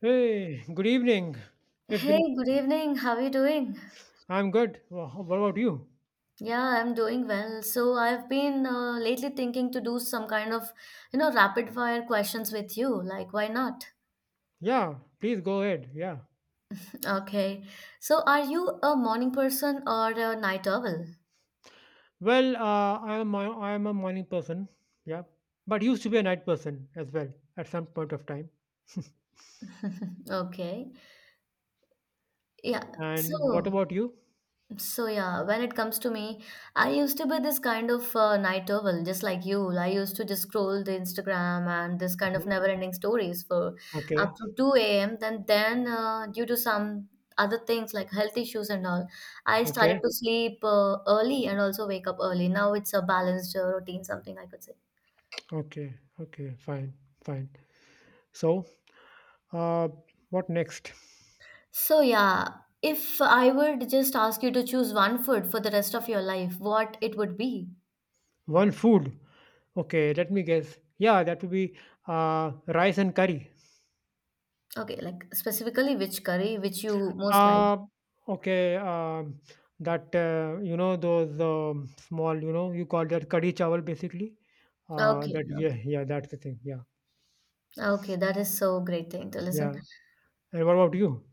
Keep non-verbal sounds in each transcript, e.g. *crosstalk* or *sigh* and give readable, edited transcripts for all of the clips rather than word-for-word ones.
Hey, good evening. It's Hey, been, good evening. How are you doing? I'm good. What about you? Yeah, I'm doing well. So I've been lately thinking to do some kind of, you know, rapid fire questions with you. Like, why not? Yeah, please go ahead. Yeah. Okay. So are you a morning person or a night owl? Well, I am a morning person. Yeah, but used to be a night person as well at some point of time. *laughs* Okay. Yeah. And what So about you? So yeah, when it comes to me, I used to be this kind of night owl, just like you. I used to just scroll the Instagram and this kind of Mhm. never-ending stories for Okay, up to 2 a.m. Then due to some other things like health issues and all, I started okay, to sleep early and also wake up early. Now it's a balanced routine, something I could say. okay, okay. Fine, fine. So, uh, what next? So yeah, if I would just ask you to choose one food for the rest of your life, what it would be? One food. Okay, let me guess. Yeah, that would be uh, rice and curry. Okay, like specifically which curry which you most like? Uh, okay. That you know those small, you know, you call that kadhi chawal basically. Okay, That yeah, okay, yeah, that's the thing. Yeah, okay, that is so great thing to listen. yeah. And what about you?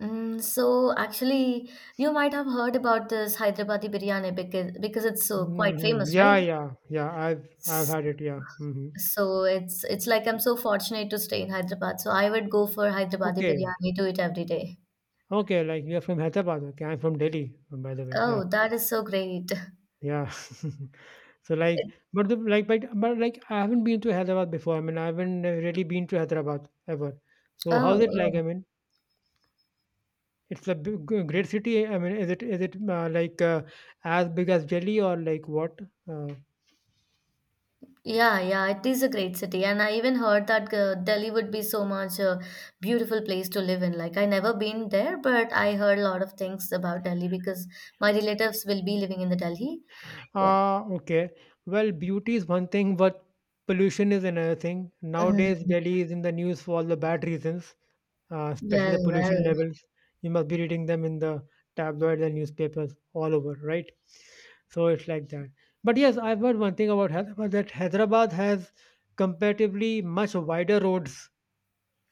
So actually, you might have heard about this Hyderabadi biryani because it's so quite famous, Yeah, right? yeah, yeah. I've S- had it. Yeah. So it's like I'm so fortunate to stay in Hyderabad. So I would go for Hyderabadi Okay, biryani to it every day. okay. Like you're from Hyderabad. Okay, I'm from Delhi, by the way. Yeah, Oh, that is so great. *laughs* yeah. *laughs* so like, It, but the like, but like, I haven't been to Hyderabad before. I mean, I haven't really been to Hyderabad ever. So how's oh, it like? oh. I mean. It's a big, great city. I mean, is it as big as Delhi or like what? Uh, Yeah, yeah, it is a great city, and I even heard that Delhi would be so much a beautiful place to live in. Like I never been there, but I heard a lot of things about Delhi because my relatives will be living in the Delhi. Yeah. ah, okay. Well, beauty is one thing, but pollution is another thing. Nowadays, Mm. Delhi is in the news for all the bad reasons, especially Well, the pollution well. levels. You must be reading them in the tabloids and newspapers all over, right? So it's like that. But yes, I've heard one thing about Hyderabad, that Hyderabad has comparatively much wider roads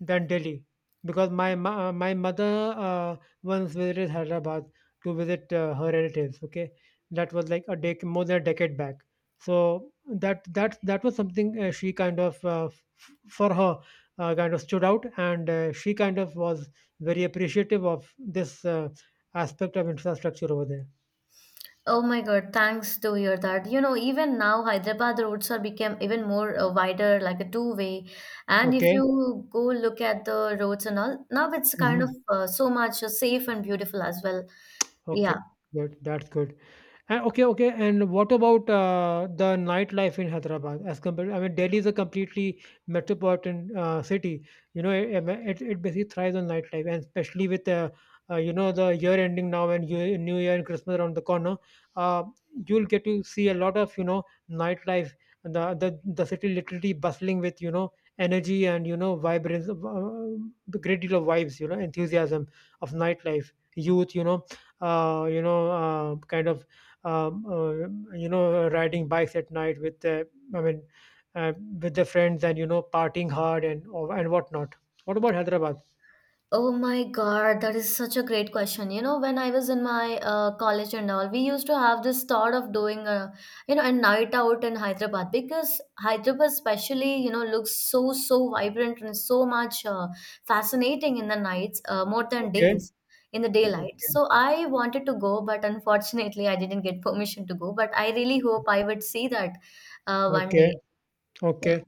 than Delhi, because my mother once visited Hyderabad to visit her relatives. Okay, that was like more than a decade back. So that was something she kind of for her kind of stood out, and she kind of was very appreciative of this aspect of infrastructure over there. Oh my God, thanks to hear that. You know, even now Hyderabad roads are become even more wider, like a two-way. And if Okay. you go look at the roads and all, now it's kind Hmm. of so much safe and beautiful as well. Okay. Yeah. Good. That's good. And okay, okay. And what about the nightlife in Hyderabad as compared? I mean, Delhi is a completely metropolitan city. You know, it basically thrives on nightlife, and especially with you know, the year ending now and year, New Year and Christmas around the corner, uh, you'll get to see a lot of, you know, nightlife. The city literally bustling with, you know, energy and, you know, vibrance, of, great deal of vibes, you know, enthusiasm of nightlife, youth, you know, kind of um, uh, you know, riding bikes at night with the i mean uh, with the friends and, you know, partying hard and whatnot. What about Hyderabad? Oh my God, that is such a great question. You know, when I was in my college and all, we used to have this thought of doing a, you know, a night out in Hyderabad because Hyderabad, especially, you know, looks so, so vibrant and so much fascinating in the nights, more than Okay, days, in the daylight. okay, So I wanted to go, but unfortunately, I didn't get permission to go. But I really hope I would see that one okay, day. Yeah. okay.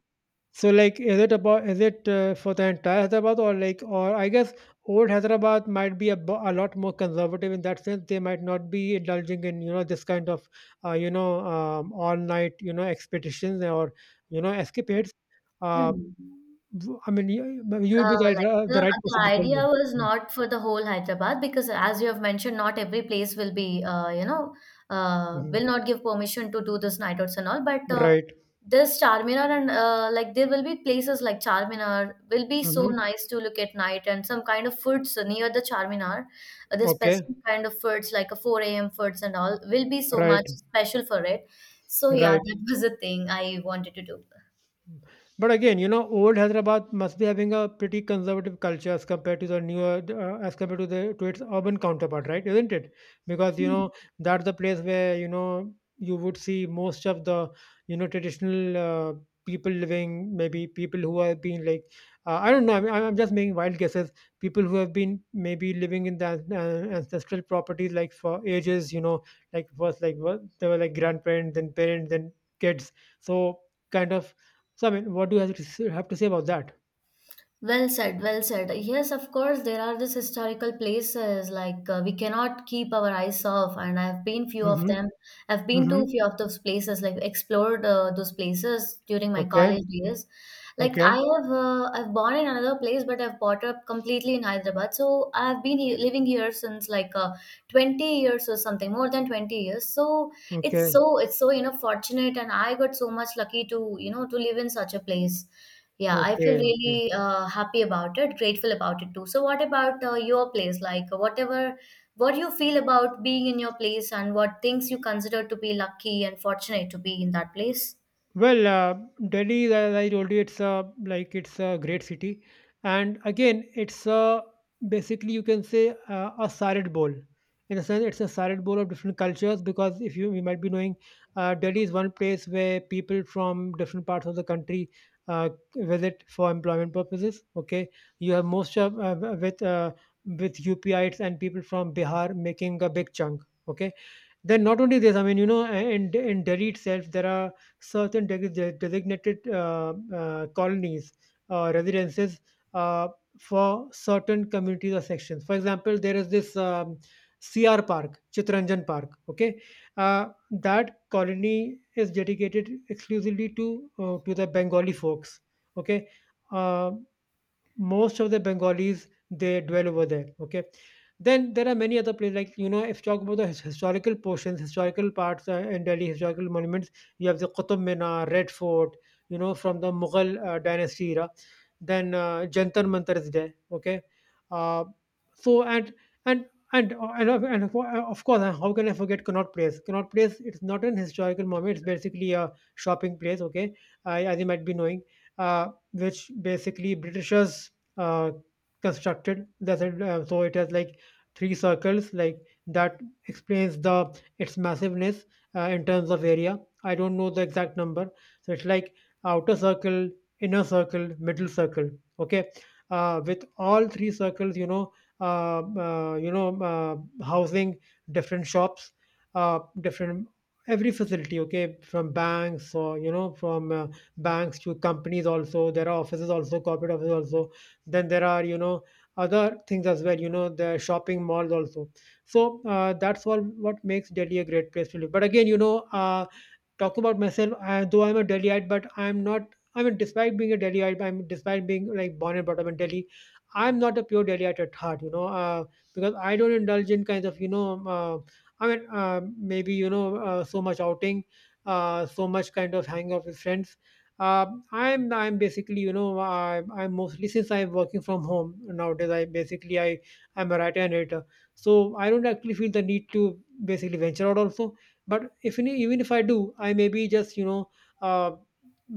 So like is it about, is it for the entire Hyderabad, or like, or I guess old Hyderabad might be a lot more conservative in that sense, they might not be indulging in, you know, this kind of you know, all night, you know, expeditions or you know escapades. uh, Mm. I mean, you would be Like the the, right the person to tell me. idea was not for the whole Hyderabad because, as you have mentioned, not every place will be, you know, will Mhm. not give permission to do this night outs and all. But Right. this Charminar and like there will be places like Charminar will be so Hmm. nice to look at night and some kind of foods near the Charminar. The Okay. specific kind of foods like a 4 a.m. foods and all will be so Right. much special for it. So yeah, Right. that was the thing I wanted to But again, you know, old Hyderabad must be having a pretty conservative culture as compared to the newer, as compared to the to its urban counterpart, right? Isn't it? Because you know do. that's the place where you know you would see most of the you know traditional people living, maybe people who have been like I don't know. I mean, I'm just making wild guesses. People who have been maybe living in ancestral properties like for ages, you know, like first like what they were like grandparents, then parents, then kids. So kind of so, I mean, what do you have to say about that? Well said, well said. Yes, of course, there are these historical places like we cannot keep our eyes off, and I've been few of Mhm, them. I've been to mhm. few of those places, like explored those places during my Okay, college years. Like okay, I have, I've born in another place, but I've brought up completely in Hyderabad. So I've been living here since like 20 years or something, more than 20 years. So it's okay, so it's so you know fortunate, and I got so much lucky to you know to live in such a place. Yeah, I feel okay, okay. really happy about it, grateful about it too. So, what about your place? Like, whatever, what you feel about being in your place and what things you consider to be lucky and fortunate to be in that place? Well, Delhi, is, as I told you, it's a like it's a great city, and again, it's a basically you can say a salad bowl. In a sense, it's a salad bowl of different cultures, because if you you might be knowing, Delhi is one place where people from different parts of the country uh, visit for employment purposes. Okay, you have most of with UPItes and people from Bihar making a big chunk. Okay, then not only this, I mean, you know, in Delhi itself, there are certain designated colonies or residences uh, for certain communities or sections. For example, there is this CR Park, Chitranjan Park. Okay, that colony is dedicated exclusively to the Bengali folks. Okay, uh, most of the Bengalis they dwell over there. Okay, then there are many other places like you know if you talk about historical portions, historical parts in Delhi, historical monuments. You have the Qutub Minar, Red Fort, you know, from the Mughal dynasty era. Then Jantar Mantar is there. Okay, uh, so and and. And, of course, how can I forget Connaught Place? Connaught Place, it's not an historical monument. It's basically a shopping place, okay, as you might be knowing, uh, which basically Britishers uh, constructed. That's it. So it has like three circles. Like that explains the its massiveness in terms of area. I don't know the exact number. So it's like outer circle, inner circle, middle circle. Okay, with all three circles, you know, housing different shops, different every facility. Okay, from banks or you know from banks to companies, also there are offices, also corporate offices also, then there are you know other things as well, you know, the shopping malls also. So that's all what makes Delhi a great place to live. But again, you know, talk about myself, though I'm a Delhiite, but I'm not, I mean, despite being a Delhiite, I'm despite being like born and brought up in Delhi, I'm not a pure Delhiite at heart, you know, because I don't indulge in kinds of you know I mean maybe you know so much outing, so much kind of hanging out with friends, uh, I'm basically you know I'm mostly since I'm working from home nowadays I basically I, I'm a writer and editor, so I don't actually feel the need to basically venture out also. But if even if I do, I maybe just you know uh,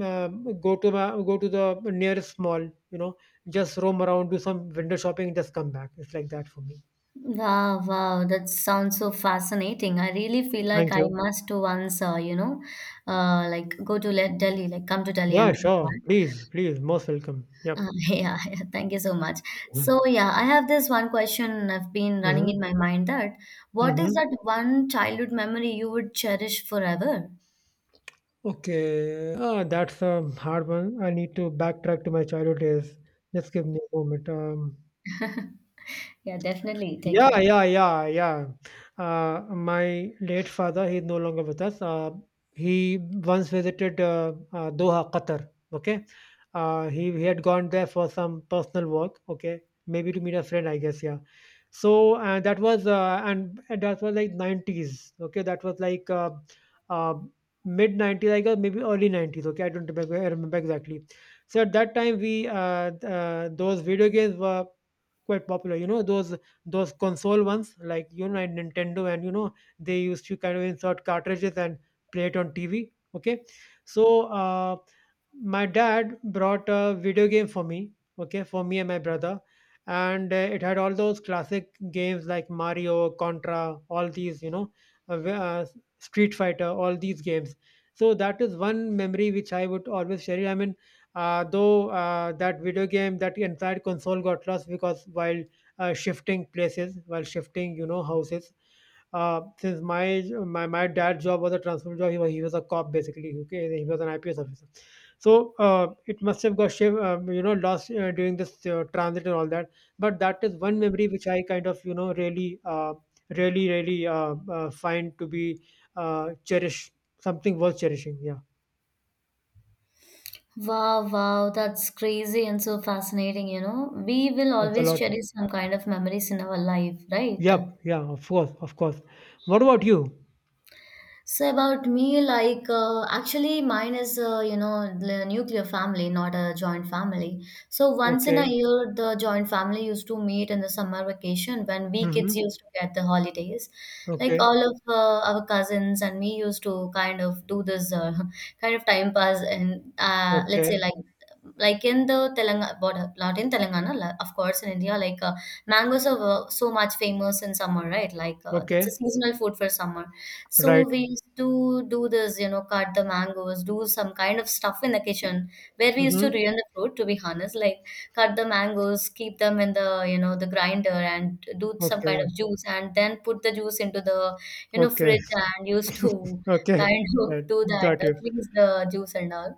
go to the nearest mall, you know, just roam around, do some window shopping, just come back. It's like that for me. Wow, wow, that sounds so fascinating. I really feel like Thank I you. must once, you know, like go to Delhi, like come to Delhi Yeah, and do sure, that. please, please, most welcome. Yep. *laughs* Yeah, yeah, thank you so much. So, yeah, I have this one question I've been running Mm-hmm. in my mind that what is Mm-hmm. that one childhood memory you would cherish forever? Okay, ah, that's a hard one. I need to backtrack to my childhood days. Just give me a moment. *laughs* Yeah, definitely. Take your Yeah, time. yeah, yeah, yeah. My late father, he's no longer with us. He once visited Doha, Qatar. Okay, he had gone there for some personal work. Okay, maybe to meet a friend, I guess. Yeah. So that was and that was like nineties. Okay, that was like uh, mid nineties, I guess, maybe early nineties. Okay, I don't remember, I remember exactly. So at that time, we those video games were quite popular, you know, those console ones like you know like Nintendo, and you know they used to kind of insert cartridges and play it on TV. Okay, so my dad brought a video game for me, okay, for me and my brother. And it had all those classic games like Mario, Contra, all these, you know, uh, w- uh, Street Fighter, all these games. So that is one memory which I would always cherish, I mean, though that video game, that entire console, got lost because while shifting places, while shifting, you know, houses, since my dad's job was a transfer job, he was a cop basically, okay, he was an IPS officer. So it must have got you know, lost during this transit and all that. But that is one memory which I kind of you know really find to be cherished, something worth cherishing. Yeah, Wow, wow, that's crazy and so fascinating, you know. We will it's a always lot. cherish some kind of memories in our life, right? Yep. Yeah. Of course. Of course. What about you? So about me, like actually, mine is you know the nuclear family, not a joint family. So once in Okay. a year, the joint family used to meet in the summer vacation when we kids Mm-hmm. used to get the holidays. Like Okay. all of our cousins and me used to kind of do this *laughs* kind of time pass, and let's Okay. say like in the Telangana border, not in Telangana, of course, in India, like mangoes are so much famous in summer, right? Like it's a Okay. seasonal food for summer. Right. So we used to do this, you know, cut the mangoes, do some kind of stuff in the kitchen where we used to Mm-hmm. ruin the fruit, to be honest, like cut the mangoes, keep them in the, you know, the grinder and do some kind Okay. of juice and then put the juice into the, you know, Okay. fridge *laughs* and used to *laughs* Okay. kind of Right. do that, Got you. freeze the juice and all.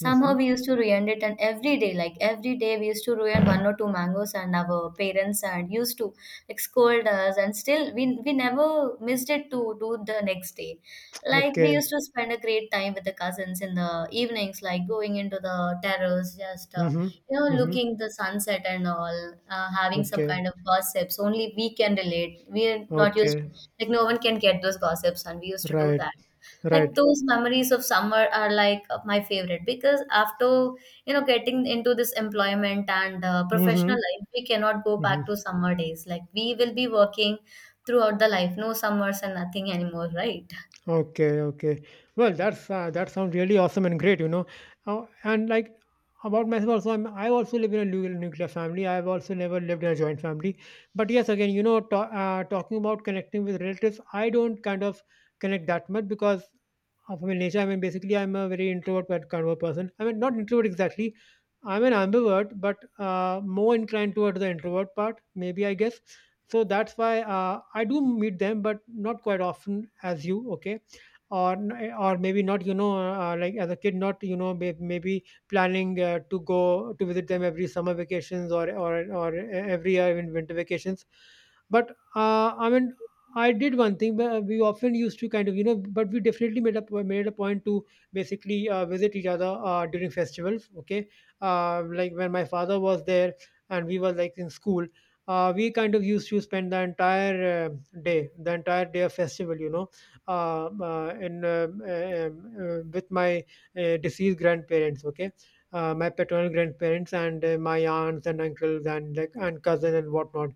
Mm-hmm. we used to ruin it and every day, like every day we used to ruin one or two mangoes and our parents and used to like scold us and still we never missed it to do the next day, like we Okay. used to spend a great time with the cousins in the evenings, like going into the terrace, just Mm-hmm. you know Mm-hmm. looking the sunset and all, having some Okay. kind of gossips only we can relate, we are not used to, Okay. like no one can get those gossips and we used to do Right. that. Like Right. those memories of summer are like my favorite, because after you know getting into this employment and professional Mhm. life we cannot go back Mhm. to summer days, like we will be working throughout the life, no summers and nothing anymore, right? Okay, okay. Well, that's that sounds really awesome and great, you know. Oh, and like about myself also, I also live in a nuclear family. I've also never lived in a joint family. But yes, again, you know, ta talking about connecting with relatives, I don't kind of connect that much because of my nature. I mean, basically, I'm a very introvert but kind of a person. I mean, not introvert exactly. I'm an ambivert, but more inclined towards the introvert part, maybe I guess. So that's why I do meet them, but not quite often as you. Okay, or or maybe not, you know, like as a kid, not you know, maybe planning to go to visit them every summer vacations, or every year in winter vacations. But I mean, I did one thing, but we often used to kind of, you know, but we definitely made a made a point to basically visit each other during festivals. Okay, like when my father was there and we were like in school, we kind of used to spend the entire day, the entire day of festival, you know, with my deceased grandparents, okay, my paternal grandparents and my aunts and uncles, and like, and cousin and whatnot.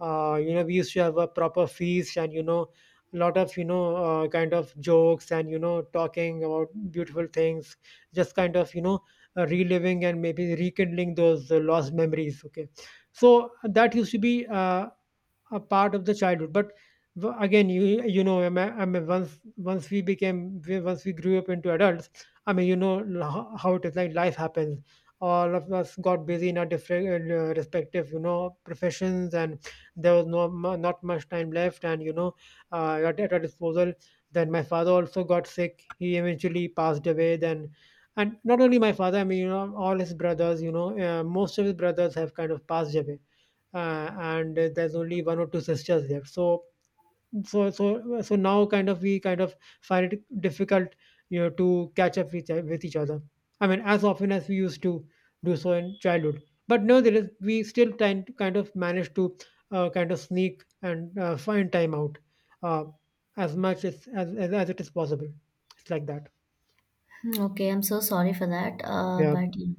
You know, we used to have a proper feast and, you know, a lot of, you know, kind of jokes and, you know, talking about beautiful things, just kind of, you know, reliving and maybe rekindling those lost memories. Okay, so that used to be a part of the childhood. But again, you know, I mean, once we became, once we grew up into adults, I mean, you know how it is, like life happens. All of us got busy in our different respective, you know, professions, and there was no not much time left, and you know, at our disposal. Then my father also got sick, he eventually passed away then. And not only my father, I mean, you know, all his brothers, you know, most of his brothers have kind of passed away, and there's only one or two sisters left. So so now, kind of, we kind of find it difficult, you know, to catch up with, with each other, I mean, as often as we used to do so in childhood. But nevertheless, we still try to kind of manage to kind of sneak and find time out, uh, as much as, as it is possible. It's like that. Hmm. Okay, I'm so sorry for that. Yeah. But yeah.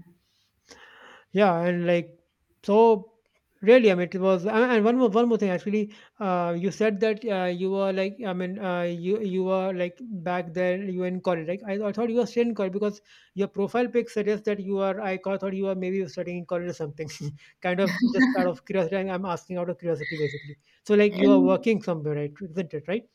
Yeah, and like, so really, I mean, it was. And one more thing actually. You said that you were like, I mean, you were like back there, you were in college. Like I thought you were still in college because your profile pic suggests that you are. Thought you were maybe studying in college or something. *laughs* Kind of just out of curiosity. I'm asking out of curiosity basically. So like you are And working somewhere, right? Isn't it right?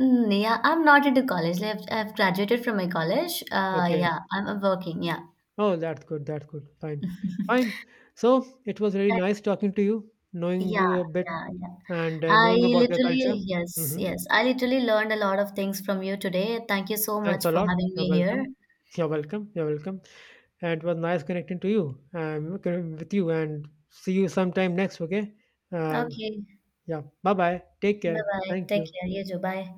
mm, yeah, I'm not into college. Like, I've graduated from my college. Okay. Yeah, I working. Yeah. Oh, that's good. That's good. Fine. Fine. So it was really That- nice talking to you, knowing yeah, you a bit. yeah, yeah. And I knowing about your culture. literally, yes, Hmm. yes. I literally learned a lot of things from you today. Thank you so Thanks much a for lot. having You're me here. welcome. You're welcome. You're welcome. And it was nice connecting to you, with you, and see you sometime next. Okay. Uh, Okay. yeah. Bye bye. Take care. Bye-bye. Thank Take you. care. You too. Bye.